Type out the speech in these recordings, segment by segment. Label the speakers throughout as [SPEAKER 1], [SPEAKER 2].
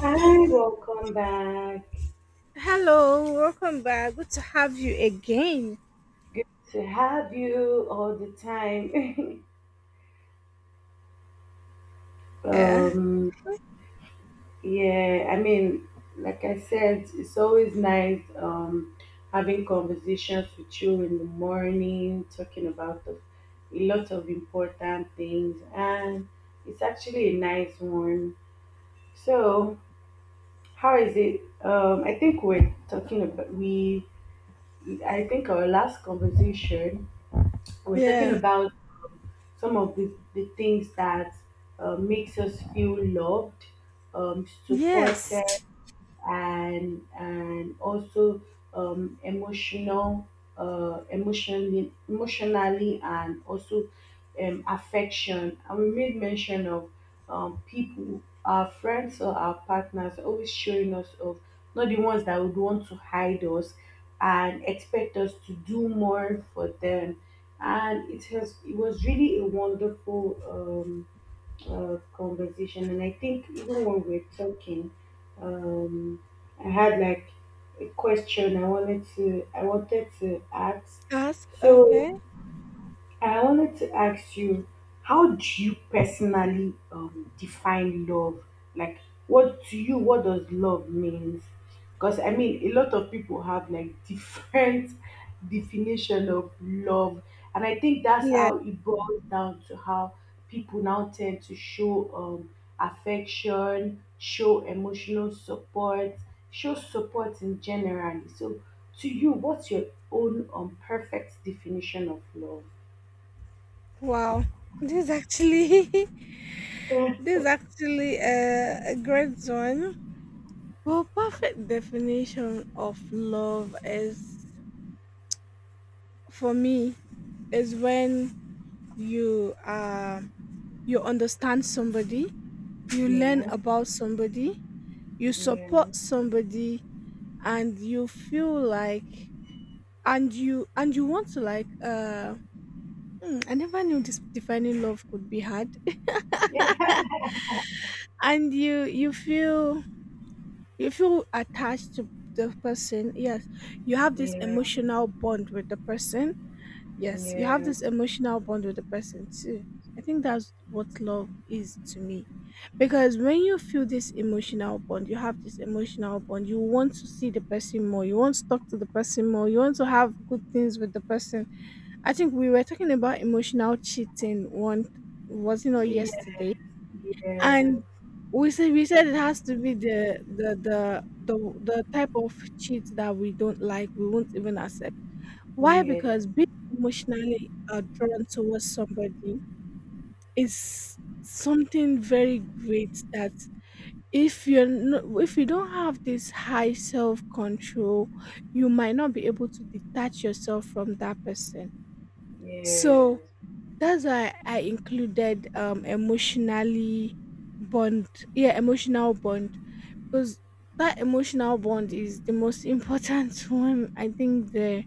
[SPEAKER 1] Hi, welcome back.
[SPEAKER 2] Hello, welcome back. Good to have you again.
[SPEAKER 1] Good to have you all the time.
[SPEAKER 2] Yeah,
[SPEAKER 1] um, yeah, I mean, like I said, it's always nice, having conversations with you in the morning, talking about a lot of important things, and it's actually a nice one. So, how is it? I think we're talking about we. I think our last conversation we're talking
[SPEAKER 2] yeah,
[SPEAKER 1] about some of the things that makes us feel loved, supported,
[SPEAKER 2] yes.
[SPEAKER 1] and also, emotional, emotionally, and also, affection, and we made mention of, people, our friends or our partners, always showing us of, not the ones that would want to hide us and expect us to do more for them. And it has it was really a wonderful, conversation. And I think even when we're talking, um, I had like a question I wanted to ask.
[SPEAKER 2] Ask,
[SPEAKER 1] So
[SPEAKER 2] okay.
[SPEAKER 1] I wanted to ask you, how do you personally, define love? Like, what to you, what does love means? Because I mean, a lot of people have like different definition of love, and I think that's
[SPEAKER 2] Yeah,
[SPEAKER 1] how it boils down to how people now tend to show, affection, show emotional support, show support in general. So, to you, what's your own, perfect definition of love?
[SPEAKER 2] wow. This is actually, this is actually a great one. Well, perfect definition of love is for me is when you uh you understand somebody, you learn
[SPEAKER 1] Yeah,
[SPEAKER 2] about somebody, you
[SPEAKER 1] yeah,
[SPEAKER 2] support somebody, and you feel like and you want to I never knew this defining love could be hard
[SPEAKER 1] yeah,
[SPEAKER 2] and you feel you feel attached to the person yes you have this
[SPEAKER 1] yeah,
[SPEAKER 2] emotional bond with the person
[SPEAKER 1] yeah,
[SPEAKER 2] yes you have
[SPEAKER 1] yeah,
[SPEAKER 2] this emotional bond with the person too I think that's what love is to me because when you feel this emotional bond you have this emotional bond you want to see the person more you want to talk to the person more you want to have good things with the person. I think we were talking about emotional cheating one, was it not yesterday? And we said it has to be the type of cheat that we don't like, we won't even accept. Why?
[SPEAKER 1] yeah, yeah,
[SPEAKER 2] Because being emotionally drawn towards somebody is something very great that if you're no, if you don't have this high self control, you might not be able to detach yourself from that person. So
[SPEAKER 1] yes.
[SPEAKER 2] that's why I included emotionally bond. Yeah, emotional bond because that emotional bond is the most important one I think there.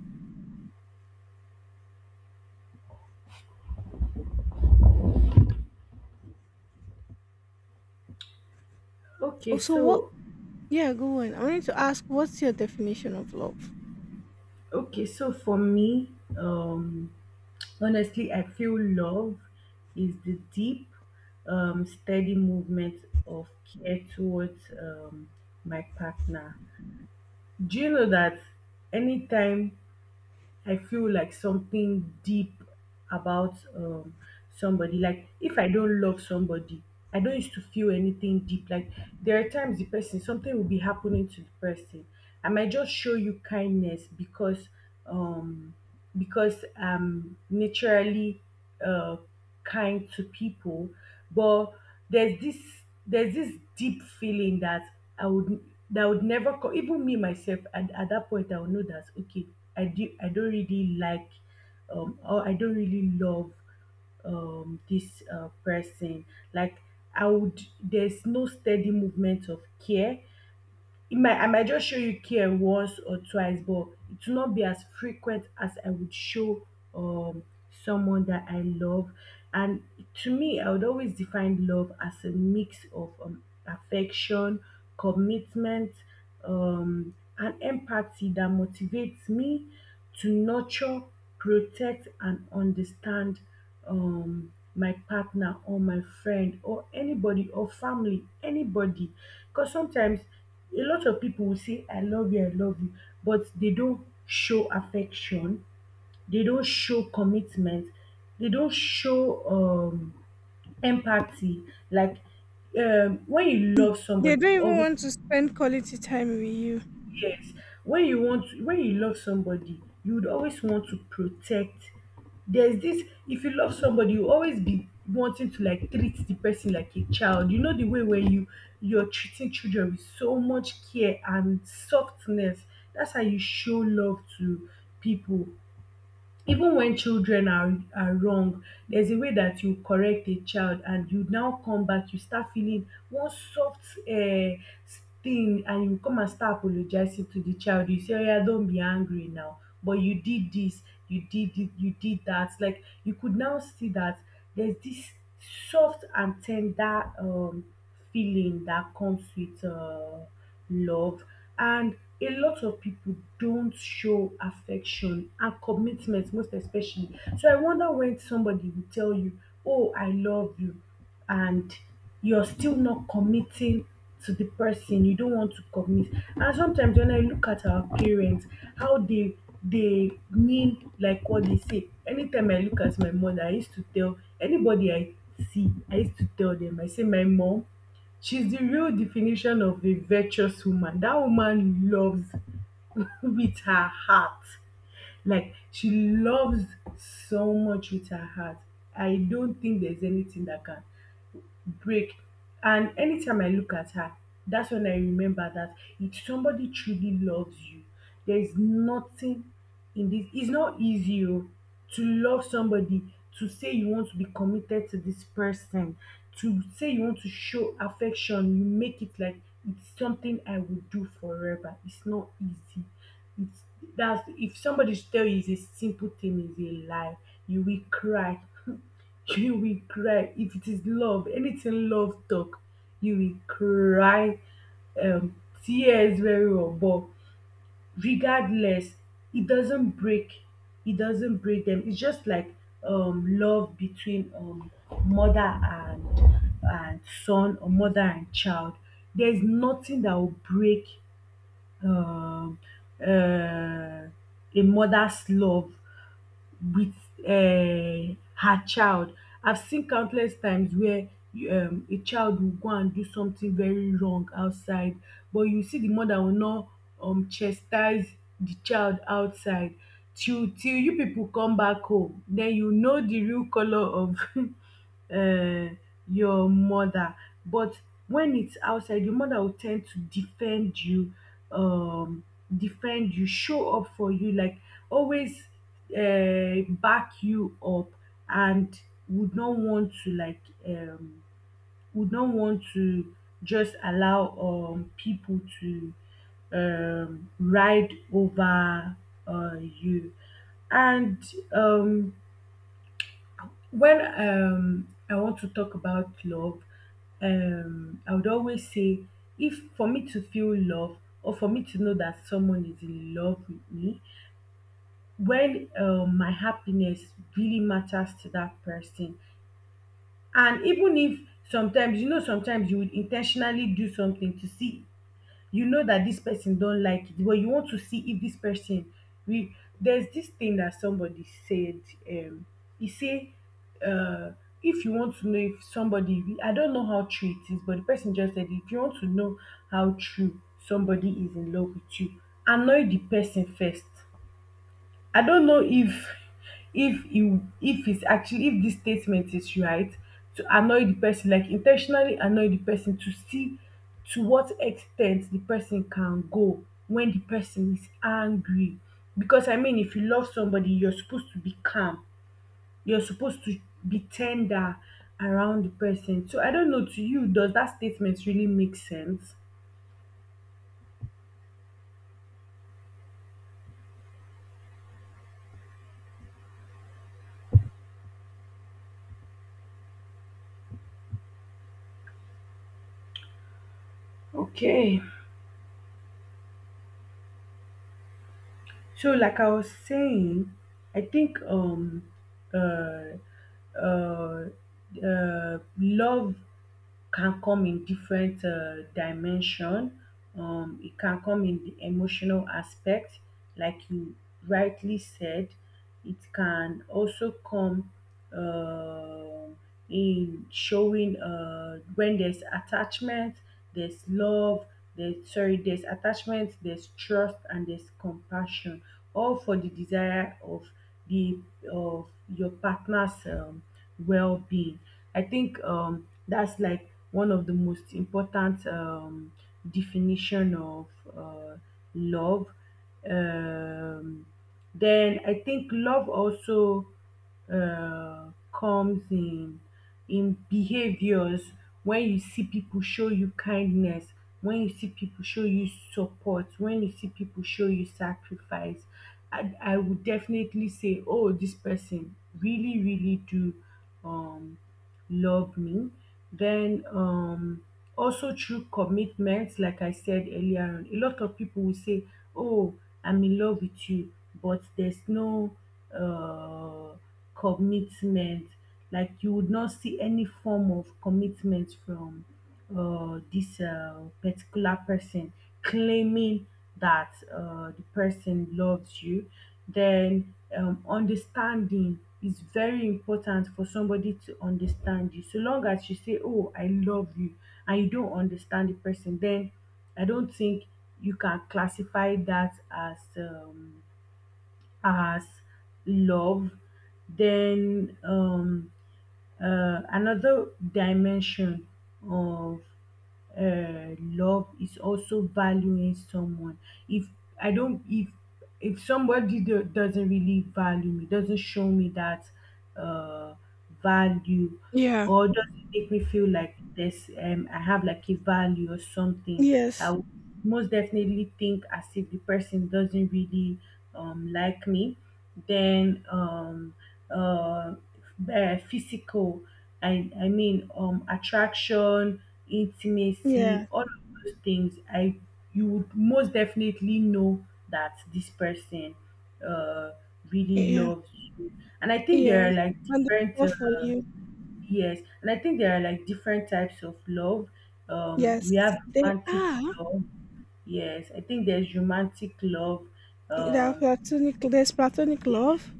[SPEAKER 1] Okay,
[SPEAKER 2] Also what,
[SPEAKER 1] so
[SPEAKER 2] yeah, go on. I wanted to ask, what's your definition of love?
[SPEAKER 1] okay, so for me, um, honestly, I feel love is the deep, steady movement of care towards, my partner. Do you know that anytime I feel like something deep about, somebody. Like if I don't love somebody, I don't used to feel anything deep. Like there are times the person something will be happening to the person. I might just show you kindness because, um because I'm naturally, uh, kind to people, but there's this there's this deep feeling that I would that would never come, even me myself at that point I would know that okay, I don't really like, or I don't really love, this, person. Like I would there's no steady movement of care. It might I might just show you care once or twice, but it will not be as frequent as I would show, um someone that I love. And to me, I would always define love as a mix of, affection, commitment, and empathy that motivates me to nurture, protect, and understand, my partner or my friend or anybody or family, anybody. Because sometimes a lot of people will say I love you, I love you, but they don't show affection, they don't show commitment, they don't show, empathy. Like, when you love
[SPEAKER 2] They
[SPEAKER 1] somebody,
[SPEAKER 2] don't
[SPEAKER 1] you
[SPEAKER 2] even
[SPEAKER 1] always—
[SPEAKER 2] want to spend quality time with you.
[SPEAKER 1] Yes, when you want, when you love somebody, you would always want to protect. There's this, if you love somebody, you always be wanting to like treat the person like a child. You know the way where you're treating children with so much care and softness. That's how you show love to people. Even when children are wrong, there's a way that you correct a child and you now come back, you start feeling one soft, thing, and you come and start apologizing to the child. You say oya, don't be angry now, but you did this, you did it, you did that. Like you could now see that there's this soft and tender, feeling that comes with, love. And a lot of people don't show affection and commitment, most especially. So I wonder when somebody will tell you, oh I love you, and you're still not committing to the person, you don't want to commit. And sometimes when I look at our parents, how they mean like what they say. Anytime I look at my mother, I used to tell anybody I see, I used to tell them, I say my mom, she's the real definition of a virtuous woman. That woman loves with her heart. Like she loves so much with her heart. I don't think there's anything that can break. And anytime I look at her, that's when I remember that if somebody truly loves you, there's nothing in this. It's not easy, oh, to love somebody, to say you want to be committed to this person, to say you want to show affection. You make it like it's something I will do forever. It's not easy. It's That's, if somebody tell you it's a simple thing, is a lie. You will cry you will cry. If it is love, anything love talk, you will cry, um, tears very well. But regardless, it doesn't break. It doesn't break them. It's just like, love between, mother and son, or mother and child. There's nothing that will break, um uh, a mother's love with, her child. I've seen countless times where, a child will go and do something very wrong outside, but you see the mother will now, chastise the child outside, till till you pipu come back home den you know the real colour of um your mother. But when it's outside, the mother will tend to defend you, um defend you, show up for you, like always, back you up, and would not want to like, um would not want to just allow, people to, ride over, you. And, when, I want to talk about love, I would always say, if for me to feel love or for me to know that someone is in love with me, when, my happiness really matters to that person. And even if sometimes, you know, sometimes you would intentionally do something to see, you know, that this person don't like it, but you want to see if this person, we there's this thing that somebody said. Um, he say, uh, if you want to know if somebody, I don't know how true it is, but the person just said, if you want to know how true somebody is in love with you, annoy the person first. I don't know if e if it's actually, if this statement is right, to annoy the person, like in ten tionally annoy the person, to see to what extent the person can go when the person is angry. Because I mean, if you love somebody, you're supposed to be calm, you're supposed to be ten der around the person. So I don't know, to you, does that statement really make sense? Okay. So, like I was saying, I think, uh uh love can come in different, dimension. It can come in the emotional aspect, like you rightly said. It can also come, uh, in showing, when there's attachment, there's love, there's sorry, there's attachment, there's trust, and there's compassion, all for the desire of the of your partner's, well-being. I think, that's like one of the most important, definition of, uh, love. Um, then I think love also, comes in, behaviors, when you see people show you kindness, when you see people show you support, when you see people show you sacrifice, I would definitely say, oh this person really really do, um love me. Then, also through commitments, like I said earlier on, a lot of people will say, oh I'm in love with you, but there's no, uh commitment. Like you would not see any form of commitment from, this, particular person claiming that, the person loves you. Then, understanding is very important, for somebody to understand you. So long as you say, oh I love you, and you don't understand the person, then I don't think you can classify that as, as love. Then, another dimension of, love is also valuing someone. If I don't, if somebody doesn't really value me, doesn't show me that, uh, value,
[SPEAKER 2] Yeah.
[SPEAKER 1] or does it make me feel like this, I have like a value or something? I
[SPEAKER 2] Yes.
[SPEAKER 1] would most definitely think as if the person doesn't really, like me. Then, uh, physical, attraction,
[SPEAKER 2] Yeah.
[SPEAKER 1] intimacy, all of those things, I you would most definitely know that this person, uh really
[SPEAKER 2] Yeah.
[SPEAKER 1] loves you. And I think
[SPEAKER 2] Yeah.
[SPEAKER 1] there are like
[SPEAKER 2] And they're
[SPEAKER 1] different,
[SPEAKER 2] here for you.
[SPEAKER 1] Yes, and I think there are like different types of love. We
[SPEAKER 2] Yes.
[SPEAKER 1] have
[SPEAKER 2] They
[SPEAKER 1] romantic
[SPEAKER 2] are.
[SPEAKER 1] love. Yes, I think there's romantic love.
[SPEAKER 2] They are
[SPEAKER 1] Um,
[SPEAKER 2] platonic. There's platonic love.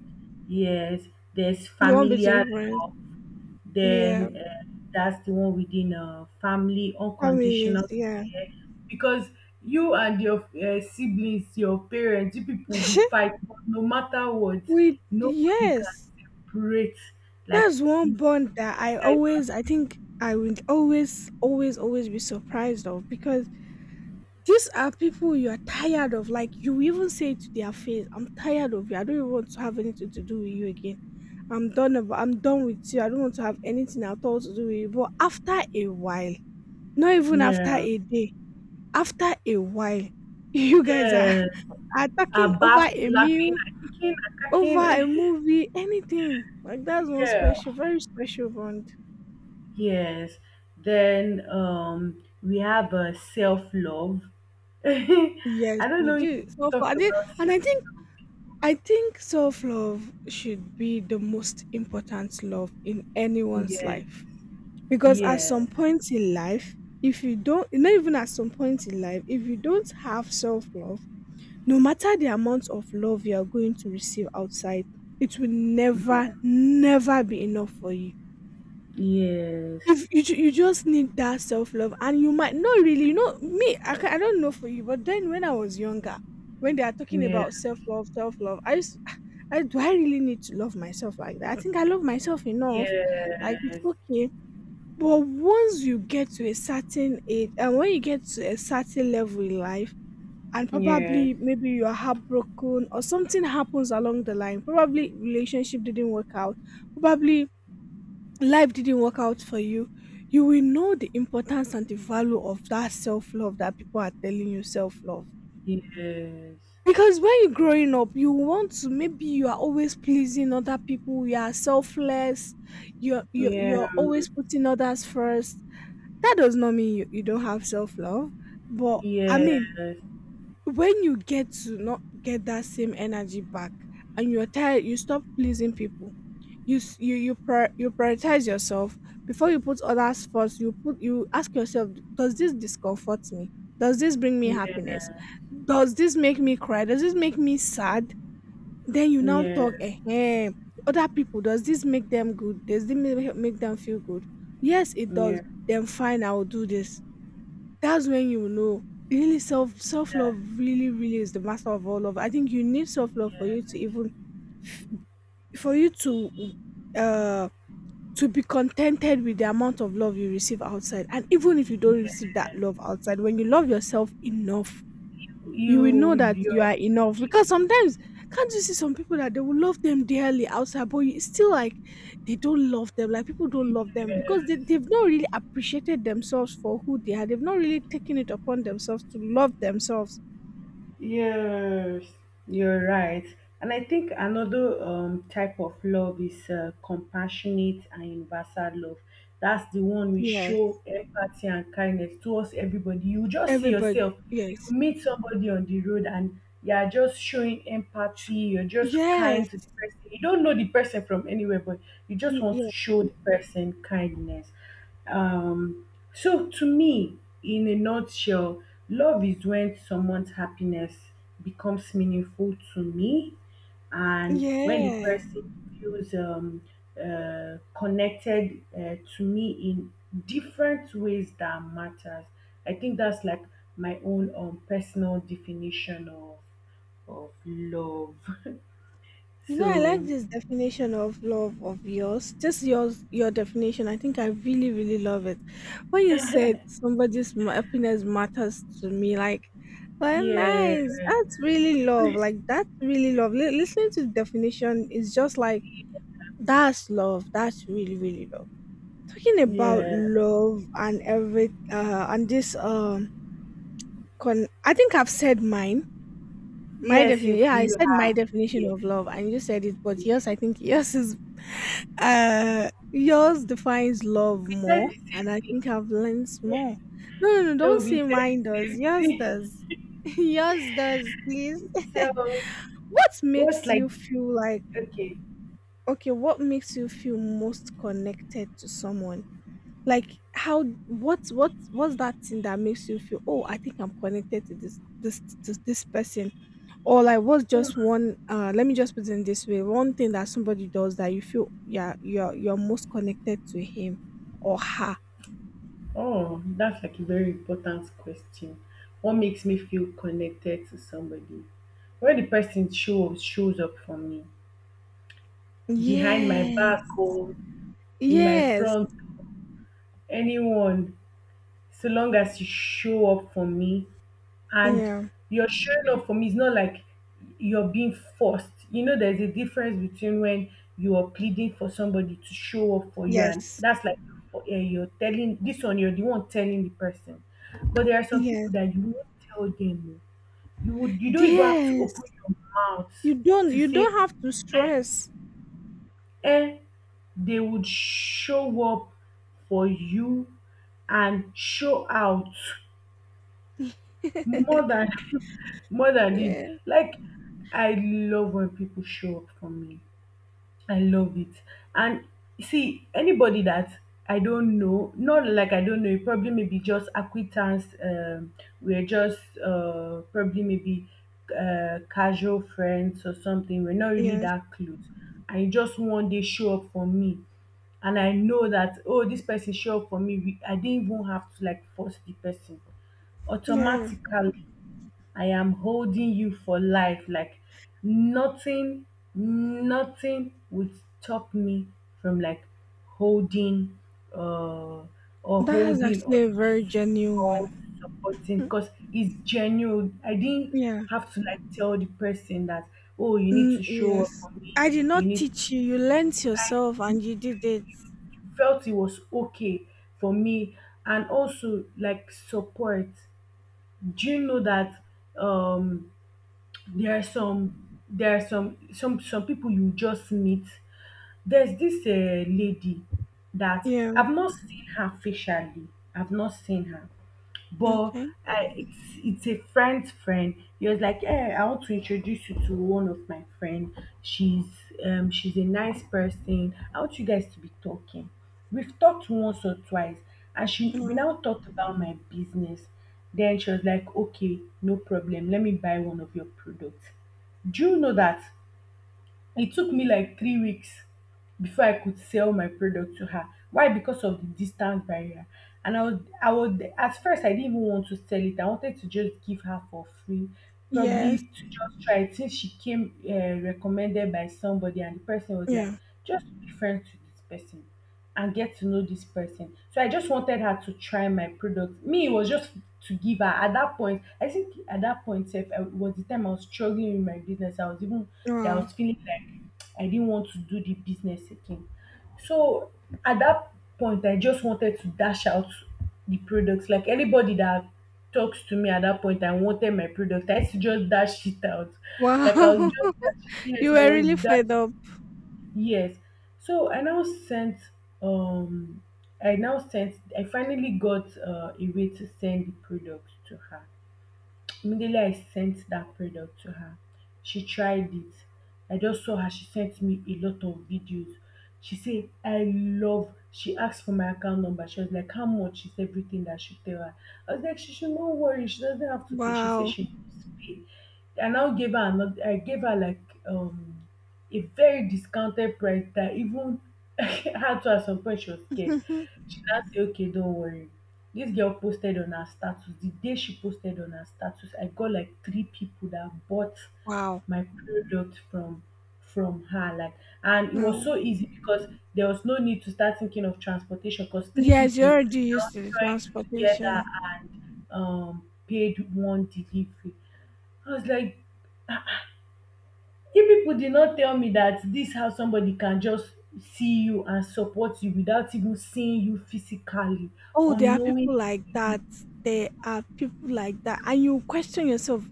[SPEAKER 1] yes, there's
[SPEAKER 2] You want
[SPEAKER 1] familial
[SPEAKER 2] between friends.
[SPEAKER 1] love.
[SPEAKER 2] Yeah.
[SPEAKER 1] Then, that's the one within, family,
[SPEAKER 2] Families,
[SPEAKER 1] unconditional
[SPEAKER 2] yeah.
[SPEAKER 1] care. Because you and your, siblings, your parents, you people will fight, but no matter what,
[SPEAKER 2] We,
[SPEAKER 1] nobody can
[SPEAKER 2] yes,
[SPEAKER 1] separate. Like,
[SPEAKER 2] that's one
[SPEAKER 1] you
[SPEAKER 2] bond that I
[SPEAKER 1] guys
[SPEAKER 2] always, I think I would always be surprised of because these are people you are tired of. Like you even say to their face, "I'm tired of you. I don't even want to have anything to do with you again. I'm done. About, I'm done with you. I don't want to have anything at all to do with you." But after a while, not
[SPEAKER 1] are,
[SPEAKER 2] even after
[SPEAKER 1] yeah,
[SPEAKER 2] a day, after a while, you guys
[SPEAKER 1] yeah.
[SPEAKER 2] are talking
[SPEAKER 1] Are
[SPEAKER 2] over
[SPEAKER 1] back
[SPEAKER 2] a
[SPEAKER 1] laughing
[SPEAKER 2] meal,
[SPEAKER 1] and kicking and
[SPEAKER 2] over a
[SPEAKER 1] cracking.
[SPEAKER 2] movie, anything. Like that's one
[SPEAKER 1] Yeah.
[SPEAKER 2] special, very special bond.
[SPEAKER 1] Yes. Then, we have, self love.
[SPEAKER 2] Yes,
[SPEAKER 1] I don't
[SPEAKER 2] we
[SPEAKER 1] know if
[SPEAKER 2] do.
[SPEAKER 1] you
[SPEAKER 2] Self love. I
[SPEAKER 1] talked
[SPEAKER 2] think,
[SPEAKER 1] about
[SPEAKER 2] and
[SPEAKER 1] self love.
[SPEAKER 2] I think self love should be the most important love in anyone's
[SPEAKER 1] Yes.
[SPEAKER 2] life. Because at some
[SPEAKER 1] Yes.
[SPEAKER 2] point in life, if you don't, not even at some point in life, if you don't have self love, no matter the amount of love you are going to receive outside, it will never,
[SPEAKER 1] Yeah.
[SPEAKER 2] never be enough for you.
[SPEAKER 1] Yes.
[SPEAKER 2] If you just need that self-love and you might not really. You know me, I don't know for you, but then when I was younger when they are talking
[SPEAKER 1] Yeah.
[SPEAKER 2] about self-love, self-love I used I, do I really need to love myself like that? I think I love myself
[SPEAKER 1] Yes.
[SPEAKER 2] enough like it's
[SPEAKER 1] Yes.
[SPEAKER 2] okay. But once you get to a certain age and when you get to a certain level in life, and
[SPEAKER 1] Yes.
[SPEAKER 2] probably
[SPEAKER 1] Yeah.
[SPEAKER 2] maybe you are heartbroken or something happens along the line, probably relationship didn't work out, probably life didn't work out for you, you will know the importance and the value of that self love that people are telling you self love. Because when you're growing up, you want to, maybe you are always pleasing other people, you are selfless, you're, you're,
[SPEAKER 1] Yes. Yeah.
[SPEAKER 2] you're
[SPEAKER 1] Yeah.
[SPEAKER 2] always putting others first. That does not mean you, you don't have self love. But I
[SPEAKER 1] Yeah.
[SPEAKER 2] mean,
[SPEAKER 1] Yes.
[SPEAKER 2] when you get to not get that same energy back and you're tired, you stop pleasing people. You prior, you prioritize yourself before you put others first. You put, you ask yourself, does this discomfort me? Does this bring me happiness? Does this make me cry? Does this make me sad? Then you now talk, eh, other people, does this make them good? Does this make them feel good? Yes it does, then fine, I will do this. That's when you will know really self
[SPEAKER 1] Yeah.
[SPEAKER 2] love really really is the master of all love. I think you need self love for
[SPEAKER 1] Yeah.
[SPEAKER 2] you to even for you uh to be contented with the amount of love you receive outside. And even if you don't receive that love outside, when you love yourself enough, you will know
[SPEAKER 1] You.
[SPEAKER 2] that you
[SPEAKER 1] You're
[SPEAKER 2] are enough.
[SPEAKER 1] okay.
[SPEAKER 2] Because sometimes, can't you see some people that they will love them dearly outside, but it's still like they don't love them. Like people don't love them because
[SPEAKER 1] Yes.
[SPEAKER 2] they've not really appreciated themselves for who they are. They've not really taken it upon themselves to love themselves.
[SPEAKER 1] Yes, you're right. And I think another type of love is compassionate and universal love. That's the one we
[SPEAKER 2] Yes.
[SPEAKER 1] show empathy and kindness towards everybody. You just see
[SPEAKER 2] Everybody.
[SPEAKER 1] yourself, you
[SPEAKER 2] Yes.
[SPEAKER 1] meet somebody on the road, and you are just showing empathy, you're just
[SPEAKER 2] Yes.
[SPEAKER 1] kind to the person. You don't know the person from anywhere, but you
[SPEAKER 2] Mm,
[SPEAKER 1] just want
[SPEAKER 2] yeah.
[SPEAKER 1] to show the person kindness. Um, so to me, in a nutshell, love is when someone's happiness becomes meaningful to me and when the
[SPEAKER 2] Yeah.
[SPEAKER 1] person feels connected to me in different ways that matters. I think that's like my own personal definition of love.
[SPEAKER 2] You know, I like
[SPEAKER 1] So
[SPEAKER 2] this definition of love of yours. Just yours, your definition. I think I really, really love it. When you said happiness matters to me, like, well,
[SPEAKER 1] yeah,
[SPEAKER 2] nice. That's really love. Like, that's really love. Listening to the definition is just like, that's love. That's really, really love. Talking about
[SPEAKER 1] yeah,
[SPEAKER 2] love and every, and this, I think I've said mine. My
[SPEAKER 1] yes,
[SPEAKER 2] definition,
[SPEAKER 1] if
[SPEAKER 2] yeah, I
[SPEAKER 1] you
[SPEAKER 2] said my
[SPEAKER 1] have,
[SPEAKER 2] definition
[SPEAKER 1] yeah,
[SPEAKER 2] of love, and you said it, but yours, I
[SPEAKER 1] yeah.
[SPEAKER 2] think yours is, uh, yours defines love
[SPEAKER 1] We said
[SPEAKER 2] more,
[SPEAKER 1] the
[SPEAKER 2] and
[SPEAKER 1] same
[SPEAKER 2] I think
[SPEAKER 1] thing.
[SPEAKER 2] I've learned more. No, no, no, don't
[SPEAKER 1] So we
[SPEAKER 2] say
[SPEAKER 1] said
[SPEAKER 2] mine
[SPEAKER 1] the
[SPEAKER 2] does.
[SPEAKER 1] same
[SPEAKER 2] Yours
[SPEAKER 1] thing.
[SPEAKER 2] does. Yours does, please.
[SPEAKER 1] So
[SPEAKER 2] What
[SPEAKER 1] what's
[SPEAKER 2] makes
[SPEAKER 1] like
[SPEAKER 2] you feel like,
[SPEAKER 1] okay.
[SPEAKER 2] okay, what makes you feel most connected to someone? Like how, what's that thing that makes you feel, oh, I think I'm connected to this person? Or like what's just one, let me just put it this way, one thing that somebody does that you feel, yeah, you're most connected to him or her?
[SPEAKER 1] Oh, that's like a very important question. What makes me feel connected to somebody? When the person shows up for me. Behind my back
[SPEAKER 2] Yes.
[SPEAKER 1] or in my
[SPEAKER 2] Yes.
[SPEAKER 1] front, anyone, so long as you show up for me, and
[SPEAKER 2] Yeah.
[SPEAKER 1] you're showing up for me. It's not like you're being forced. You know, there's a difference between when you are pleading for somebody to show up for you, and
[SPEAKER 2] Yes.
[SPEAKER 1] that's like you're telling this one, you're the one telling the person. But there are some
[SPEAKER 2] Yes.
[SPEAKER 1] people that you won't tell them. You don't even have to open
[SPEAKER 2] Yes.
[SPEAKER 1] your mouth
[SPEAKER 2] you don't
[SPEAKER 1] to
[SPEAKER 2] you
[SPEAKER 1] say,
[SPEAKER 2] don't have to
[SPEAKER 1] eh,
[SPEAKER 2] stress.
[SPEAKER 1] eh, they would show up for you and show out more than more than it.
[SPEAKER 2] Yeah.
[SPEAKER 1] Like I love when people show up for me. I love it. And see, anybody that I don't know, not like I don't know, it probably maybe just acquaintance. We're just probably maybe casual friends or something. We're not really
[SPEAKER 2] Yes.
[SPEAKER 1] that close. And you just one day show up for me. And I know that, oh, this person show up for me. I didn't even have to like force the person
[SPEAKER 2] Yeah.
[SPEAKER 1] automatically. I am holding you for life. Like nothing, nothing would stop me from like holding uh or
[SPEAKER 2] That's
[SPEAKER 1] holding
[SPEAKER 2] actually a very genuine
[SPEAKER 1] or
[SPEAKER 2] one.
[SPEAKER 1] supporting,
[SPEAKER 2] Hmm.
[SPEAKER 1] because it's genuine. I didn't
[SPEAKER 2] Yeah.
[SPEAKER 1] have to like tell the person that, oh, you need
[SPEAKER 2] Mm,
[SPEAKER 1] to show
[SPEAKER 2] yes.
[SPEAKER 1] up for
[SPEAKER 2] I did
[SPEAKER 1] me.
[SPEAKER 2] not
[SPEAKER 1] You need
[SPEAKER 2] teach you, you learnt yourself and you did it.
[SPEAKER 1] felt it was okay for me, and also like support. Do you know that um there are some people you just meet. There's this lady that
[SPEAKER 2] Yeah.
[SPEAKER 1] I've not seen her facially, I've not seen her, but
[SPEAKER 2] Okay.
[SPEAKER 1] it's a friend's friend. He was like, "Hey, I want to introduce you to one of my friend. She's she's a nice person. I want you guys to be talking." We've talked once or twice, and she we
[SPEAKER 2] Wow.
[SPEAKER 1] now talked about my business. Then she was like, "Okay, no problem. Let me buy one of your products." Do you know that it took me like 3 weeks before I could sell my product to her? Why? Because of the distance barrier. And at first, I didn't even want to sell it. I wanted to just give her for free,
[SPEAKER 2] Yes.
[SPEAKER 1] probably to just try it. Since she came recommended by somebody, and the person was like,
[SPEAKER 2] Yeah.
[SPEAKER 1] just be friends to this person and get to know this person. So I just wanted her to try my product. Me, it was just to give her at that point. I think at that point, if I was the time I was struggling with my business, I was even that I
[SPEAKER 2] Wow.
[SPEAKER 1] was feeling like I didn't want to do the business again. So at that point, I just wanted to dash out the products. Like anybody that talks to me at that point, I wanted my product. I used to just dash it out. Like I was
[SPEAKER 2] Wow.
[SPEAKER 1] just dashing.
[SPEAKER 2] You
[SPEAKER 1] Yes, I
[SPEAKER 2] were
[SPEAKER 1] was
[SPEAKER 2] really fed
[SPEAKER 1] dashing.
[SPEAKER 2] up.
[SPEAKER 1] Yes. So I now sent um I now sent I finally got a way to send the products to her. Immediately I sent that product to her, she tried it. I just saw her. She sent me a lot of videos. She said, I love. She asked for my account number. She was like, "How much is everything that I should tell her?" I was like, she should not worry. She doesn't have to pay. She said
[SPEAKER 2] Wow.
[SPEAKER 1] she must pay. I gave her like um a very discounted price that even her to at some point she was scared. She now say okay don't worry. This girl posted on her status. The day she posted on her status, I got like three people that bought
[SPEAKER 2] Wow.
[SPEAKER 1] my product from her. Like, and it was
[SPEAKER 2] Wow.
[SPEAKER 1] so easy because there was no need to start thinking of transportation because three
[SPEAKER 2] Yes, you
[SPEAKER 1] people
[SPEAKER 2] already
[SPEAKER 1] now
[SPEAKER 2] used to the
[SPEAKER 1] joined together
[SPEAKER 2] transportation.
[SPEAKER 1] and paid one delivery. I was like, if people did not tell me that this how somebody can just see you and support you without even seeing you physically
[SPEAKER 2] Oh,
[SPEAKER 1] or
[SPEAKER 2] there are people
[SPEAKER 1] knowing.
[SPEAKER 2] like that. There are people like that, and you question yourself.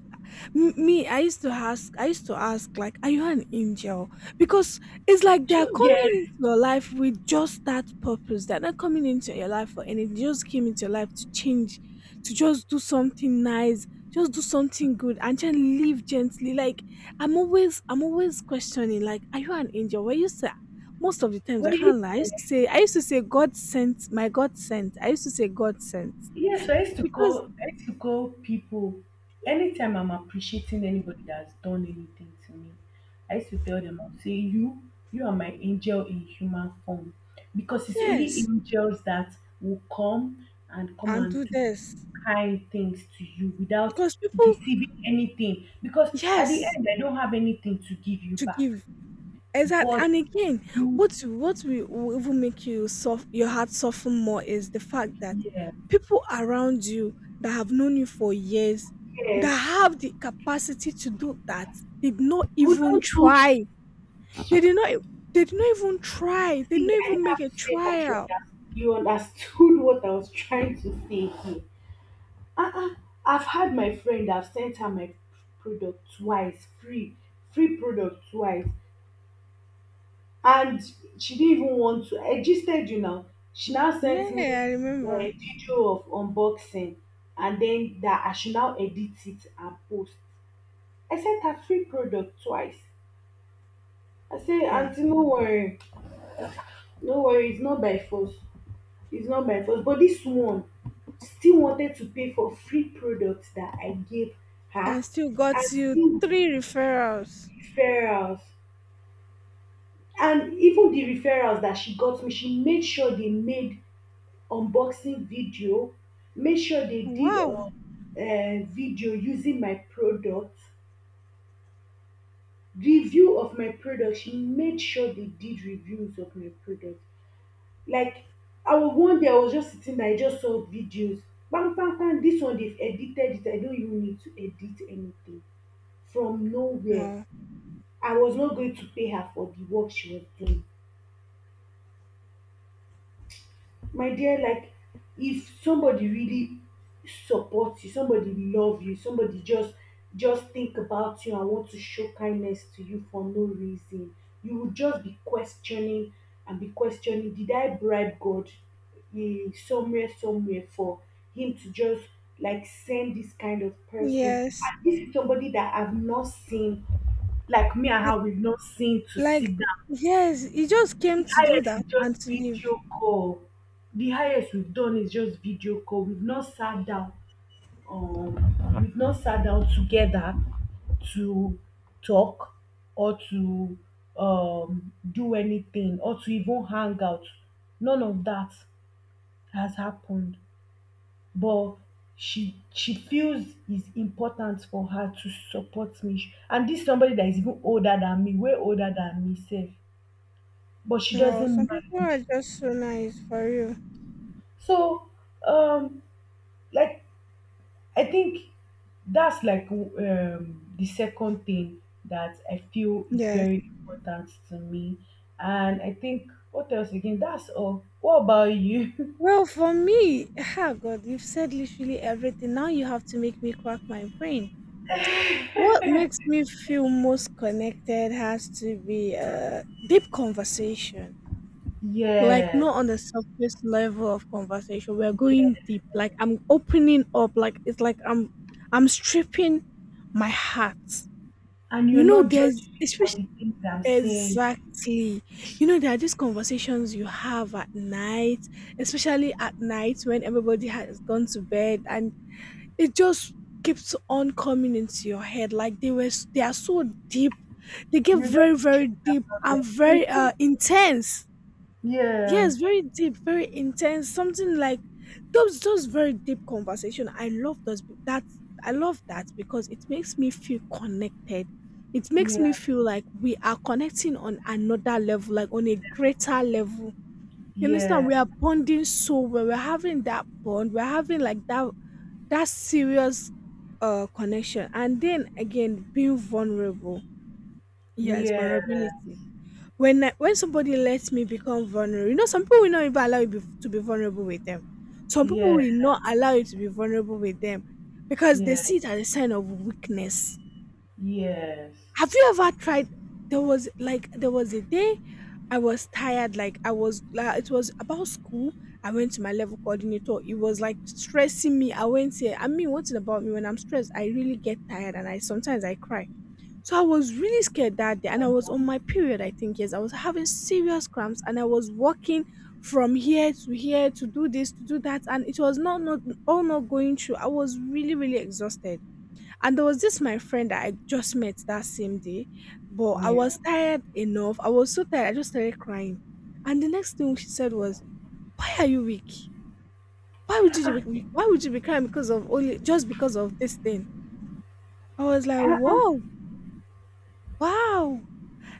[SPEAKER 2] Me, I used to ask. I used to ask, like, are you an angel? Because it's like they
[SPEAKER 1] Do
[SPEAKER 2] are
[SPEAKER 1] you get?
[SPEAKER 2] coming into your life with just that purpose. They're not coming into your life for anything. They just came into your life to change, to just do something nice, just do something good, and just live gently. Like, I'm always questioning. Like, are you an angel? Were you sent? Most of the times
[SPEAKER 1] Were
[SPEAKER 2] I
[SPEAKER 1] you
[SPEAKER 2] can't lie. I
[SPEAKER 1] there?
[SPEAKER 2] used to say I used to say God sent, my God sent. I used to say God sent.
[SPEAKER 1] Yes, I used to
[SPEAKER 2] Because
[SPEAKER 1] call I used to call people anytime I'm appreciating anybody that's done anything to me. I used to tell them, I'll say, You are my angel in human form. Because it's only
[SPEAKER 2] yes,
[SPEAKER 1] angels that will come and come
[SPEAKER 2] and
[SPEAKER 1] and
[SPEAKER 2] do
[SPEAKER 1] do
[SPEAKER 2] this.
[SPEAKER 1] kind things to you without
[SPEAKER 2] Because people,
[SPEAKER 1] receiving anything." Because at the
[SPEAKER 2] yes,
[SPEAKER 1] end I don't have anything to give you
[SPEAKER 2] to
[SPEAKER 1] back.
[SPEAKER 2] give. Exactly.
[SPEAKER 1] But
[SPEAKER 2] And again,
[SPEAKER 1] you
[SPEAKER 2] what will even make you soft, your heart soften more is the fact that
[SPEAKER 1] yeah,
[SPEAKER 2] people around you that have known you for years, that
[SPEAKER 1] yes.
[SPEAKER 2] have the capacity to do that, did not
[SPEAKER 1] Who
[SPEAKER 2] even
[SPEAKER 1] don't do it.
[SPEAKER 2] try. They did not they did not even try. They did
[SPEAKER 1] See,
[SPEAKER 2] not
[SPEAKER 1] I
[SPEAKER 2] even
[SPEAKER 1] didn't
[SPEAKER 2] make
[SPEAKER 1] have
[SPEAKER 2] a
[SPEAKER 1] to say much. You,
[SPEAKER 2] trial.
[SPEAKER 1] under- you understood what I was trying to say here. Uh-uh. I've had my friend, I've sent her my product twice, free product twice. And she didn't even want to. I just said, she now
[SPEAKER 2] Yeah,
[SPEAKER 1] sent me
[SPEAKER 2] I
[SPEAKER 1] a
[SPEAKER 2] remember.
[SPEAKER 1] video of unboxing, and then that I should now edit it and post. I sent her free product twice. I say,
[SPEAKER 2] Wow.
[SPEAKER 1] Auntie, no worry, no worry, it's not by force. It's not my fault, but this one still wanted to pay for free products that I gave
[SPEAKER 2] And
[SPEAKER 1] her.
[SPEAKER 2] still
[SPEAKER 1] And
[SPEAKER 2] got you
[SPEAKER 1] still
[SPEAKER 2] three referrals.
[SPEAKER 1] referrals, and even the referrals that she got me, she made sure they made unboxing video, made sure they did
[SPEAKER 2] Wow.
[SPEAKER 1] a video using my product, review of my product. She made sure they did reviews of my product. Like, I was one day I was just sitting down, I just saw videos. Kpan kpan kpan, this one dey edited it, I don't even need to edit anything. From nowhere.
[SPEAKER 2] Wow.
[SPEAKER 1] I was not going to pay her for the work she was doing. My dear, like, if somebody really supports you, somebody love you, somebody just think about you and want to show kindness to you for no reason, you would just be questioning and be questioning, did I bribe God, eh, somewhere for him to just like send this kind of person?
[SPEAKER 2] Yes.
[SPEAKER 1] And this is somebody that I've not seen. Like, me and
[SPEAKER 2] I,
[SPEAKER 1] her, we've not seen to
[SPEAKER 2] like,
[SPEAKER 1] sit down.
[SPEAKER 2] yes, he just came
[SPEAKER 1] The
[SPEAKER 2] to do
[SPEAKER 1] highest
[SPEAKER 2] that
[SPEAKER 1] is just
[SPEAKER 2] and to leave.
[SPEAKER 1] video call. The highest we've done is just video call. We've not sat down. Um, we've not sat down together to talk or to do anything or to even hang out. None of that has happened. But she feels it's important for her to support me. And this is somebody that is even older than me, way older than me, safe. But she
[SPEAKER 2] Oh, some
[SPEAKER 1] doesn't
[SPEAKER 2] people are
[SPEAKER 1] mind.
[SPEAKER 2] just so nice for you.
[SPEAKER 1] So, um, like, I think that's like the second thing that I feel is
[SPEAKER 2] Yes.
[SPEAKER 1] very important to me. And I think what else again? That's all. What about you?
[SPEAKER 2] Well, for me, ah, God, you've said literally everything. Now you have to make me crack my brain. What makes me feel most connected has to be a deep conversation. Like
[SPEAKER 1] Yeah,
[SPEAKER 2] not on the surface level of conversation. We're going deep. Like I'm opening up. Like it's like I'm stripping my heart.
[SPEAKER 1] and you're
[SPEAKER 2] You know,
[SPEAKER 1] not
[SPEAKER 2] there's
[SPEAKER 1] judging me for
[SPEAKER 2] especially,
[SPEAKER 1] the things I'm saying.
[SPEAKER 2] exactly. You know, there are these conversations you have at night, especially at night when everybody has gone to bed and it just keeps on coming into your head. Like they are so deep. They get
[SPEAKER 1] You're just
[SPEAKER 2] very,
[SPEAKER 1] the truth
[SPEAKER 2] very deep
[SPEAKER 1] of
[SPEAKER 2] and very
[SPEAKER 1] them.
[SPEAKER 2] intense.
[SPEAKER 1] Yeah,
[SPEAKER 2] Yes, very deep, very intense, something like those very deep conversation. I love those that I love that because it makes me feel connected. It makes me
[SPEAKER 1] yeah,
[SPEAKER 2] feel like we are connecting on another level, like on a greater level. You understand?
[SPEAKER 1] yeah,
[SPEAKER 2] We are bonding so well. We're having that bond. We're having like that serious connection. And then again, being vulnerable. Yes,
[SPEAKER 1] yeah,
[SPEAKER 2] vulnerability when I, when somebody lets me become vulnerable, you know, some people will not even allow you be, to be vulnerable with them. Some people
[SPEAKER 1] yeah,
[SPEAKER 2] will not allow you to be vulnerable with them because they
[SPEAKER 1] yeah,
[SPEAKER 2] see it as a sign of weakness.
[SPEAKER 1] yes,
[SPEAKER 2] Have you ever tried? There was like there was a day I was tired. Like I was, like, it was about school. I went to my level coordinator. It was like stressing me. I went here. I mean, one thing about me when I'm stressed, I really get tired and I sometimes I cry. So I was really scared that day, and I was on my period, I think, yes. I was having serious cramps, and I was walking from here to here to do this, to do that, and it was not all not going through. I was really, really exhausted. And there was this my friend that I just met that same day, but I was
[SPEAKER 1] yeah.
[SPEAKER 2] tired enough. I was so tired, I just started crying. And the next thing she said was, "Why are you weak? Why would you be crying because of only just because of this thing?" I was like, "Whoa, wow."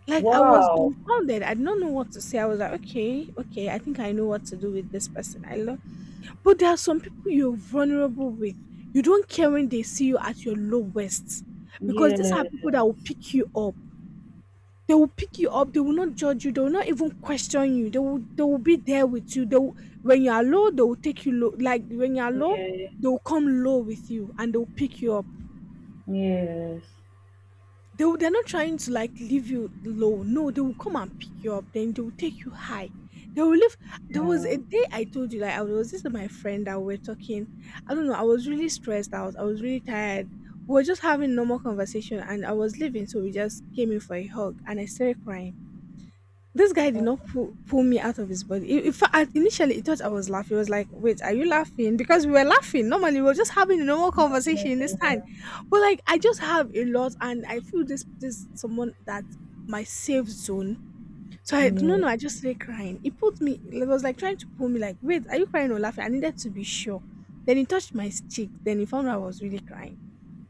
[SPEAKER 2] Like I was
[SPEAKER 1] Wow.
[SPEAKER 2] dumbfounded. I did not know what to say. I was like, okay, okay, I think I know what to do with this person. I love, but there are some people you're vulnerable with. You don't care when they see you at your lowest. Because these are
[SPEAKER 1] Yeah.
[SPEAKER 2] people that will pick you up. They will pick you up. They will not judge you. They will not even question you. They will be there with you. They will, when you are low, they will take you low. Like when you are low,
[SPEAKER 1] Yeah,
[SPEAKER 2] they will come low with you and they will pick you up.
[SPEAKER 1] yes.
[SPEAKER 2] They will, they're not trying to like leave you low. No, they will come and pick you up. Then they will take you high. They will leave. There was
[SPEAKER 1] Yeah.
[SPEAKER 2] a day I told you, like, I was, this is my friend that we are talking. I don't know. I was really stressed out. I was really tired. We were just having normal conversation, and I was leaving, so we just came in for a hug, and I started crying. This guy did not
[SPEAKER 1] Oh,
[SPEAKER 2] pull me out of his body. In fact, initially he thought I was laughing. He was like, "Wait, are you laughing?" Because we were laughing. Normally, we were just having a normal
[SPEAKER 1] yeah.
[SPEAKER 2] conversation this time, but like I just have a lot, and I feel this someone that, my safe zone. So I, no
[SPEAKER 1] Yeah.
[SPEAKER 2] no, I just started crying. He put me. He was like trying to pull me. Like, wait, are you crying or laughing? I needed to be sure. Then he touched my cheek. Then he found out I was really crying.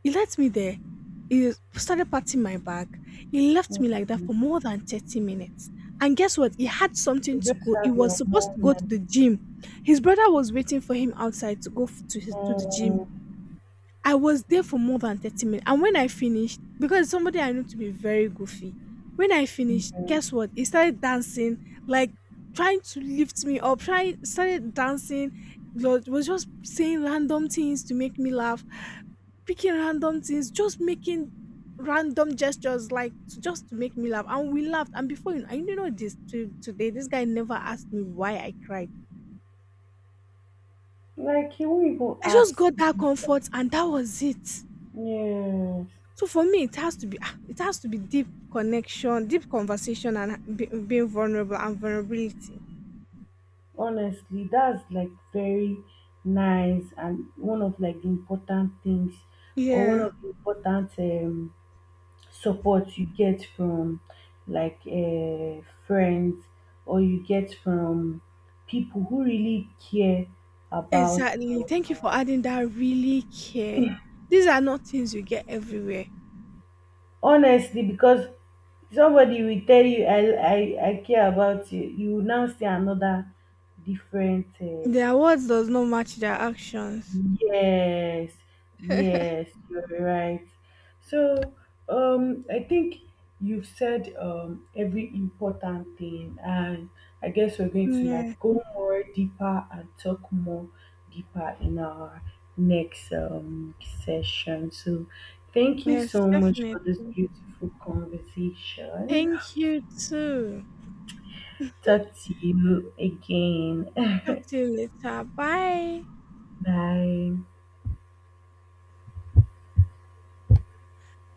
[SPEAKER 2] He left me there. He started patting my back. He left me like that for
[SPEAKER 1] Mm.
[SPEAKER 2] more than 30 minutes. And guess what? He had something
[SPEAKER 1] You
[SPEAKER 2] to
[SPEAKER 1] just
[SPEAKER 2] go. He
[SPEAKER 1] have
[SPEAKER 2] was
[SPEAKER 1] your
[SPEAKER 2] supposed to go to
[SPEAKER 1] moment.
[SPEAKER 2] the gym. His brother was waiting for him outside to go to, his, to the gym.
[SPEAKER 1] Mm,
[SPEAKER 2] I was there for more than 30 minutes. And when I finished, because somebody I know to be very goofy, when I finished,
[SPEAKER 1] yeah.
[SPEAKER 2] guess what? He started dancing, like trying to lift me up, trying started dancing, was just saying random things to make me laugh, picking random things, just making random gestures like to, just to make me laugh. And we laughed. And before you, I, you know this to, today, this guy never asked me why I cried.
[SPEAKER 1] Like he won't even
[SPEAKER 2] I just
[SPEAKER 1] ask.
[SPEAKER 2] got that comfort and that was it.
[SPEAKER 1] Yes,
[SPEAKER 2] So for me, it has to be ah, it has to be deep connection, deep conversation and be, being vulnerable and vulnerability.
[SPEAKER 1] honestly, that's like very nice, and one of like the important things, or one
[SPEAKER 2] Yeah,
[SPEAKER 1] of the important support you get from like friends, or you get from people who really care about.
[SPEAKER 2] exactly. Thank you for
[SPEAKER 1] um,
[SPEAKER 2] adding that, really care. These are not things you get everywhere.
[SPEAKER 1] honestly, because somebody will tell you, i I care about you, you will now see another different
[SPEAKER 2] Their words does not match their actions.
[SPEAKER 1] Yes, yes, you're right. So, I think you've said every important thing, and I guess we're going to like
[SPEAKER 2] Yeah.
[SPEAKER 1] go more deeper and talk more deeper in our next session. So, thank you
[SPEAKER 2] Yes,
[SPEAKER 1] so much
[SPEAKER 2] definitely.
[SPEAKER 1] for this beautiful conversation.
[SPEAKER 2] Thank you too.
[SPEAKER 1] Talk to you again.
[SPEAKER 2] Talk to you later. Bye.
[SPEAKER 1] Bye.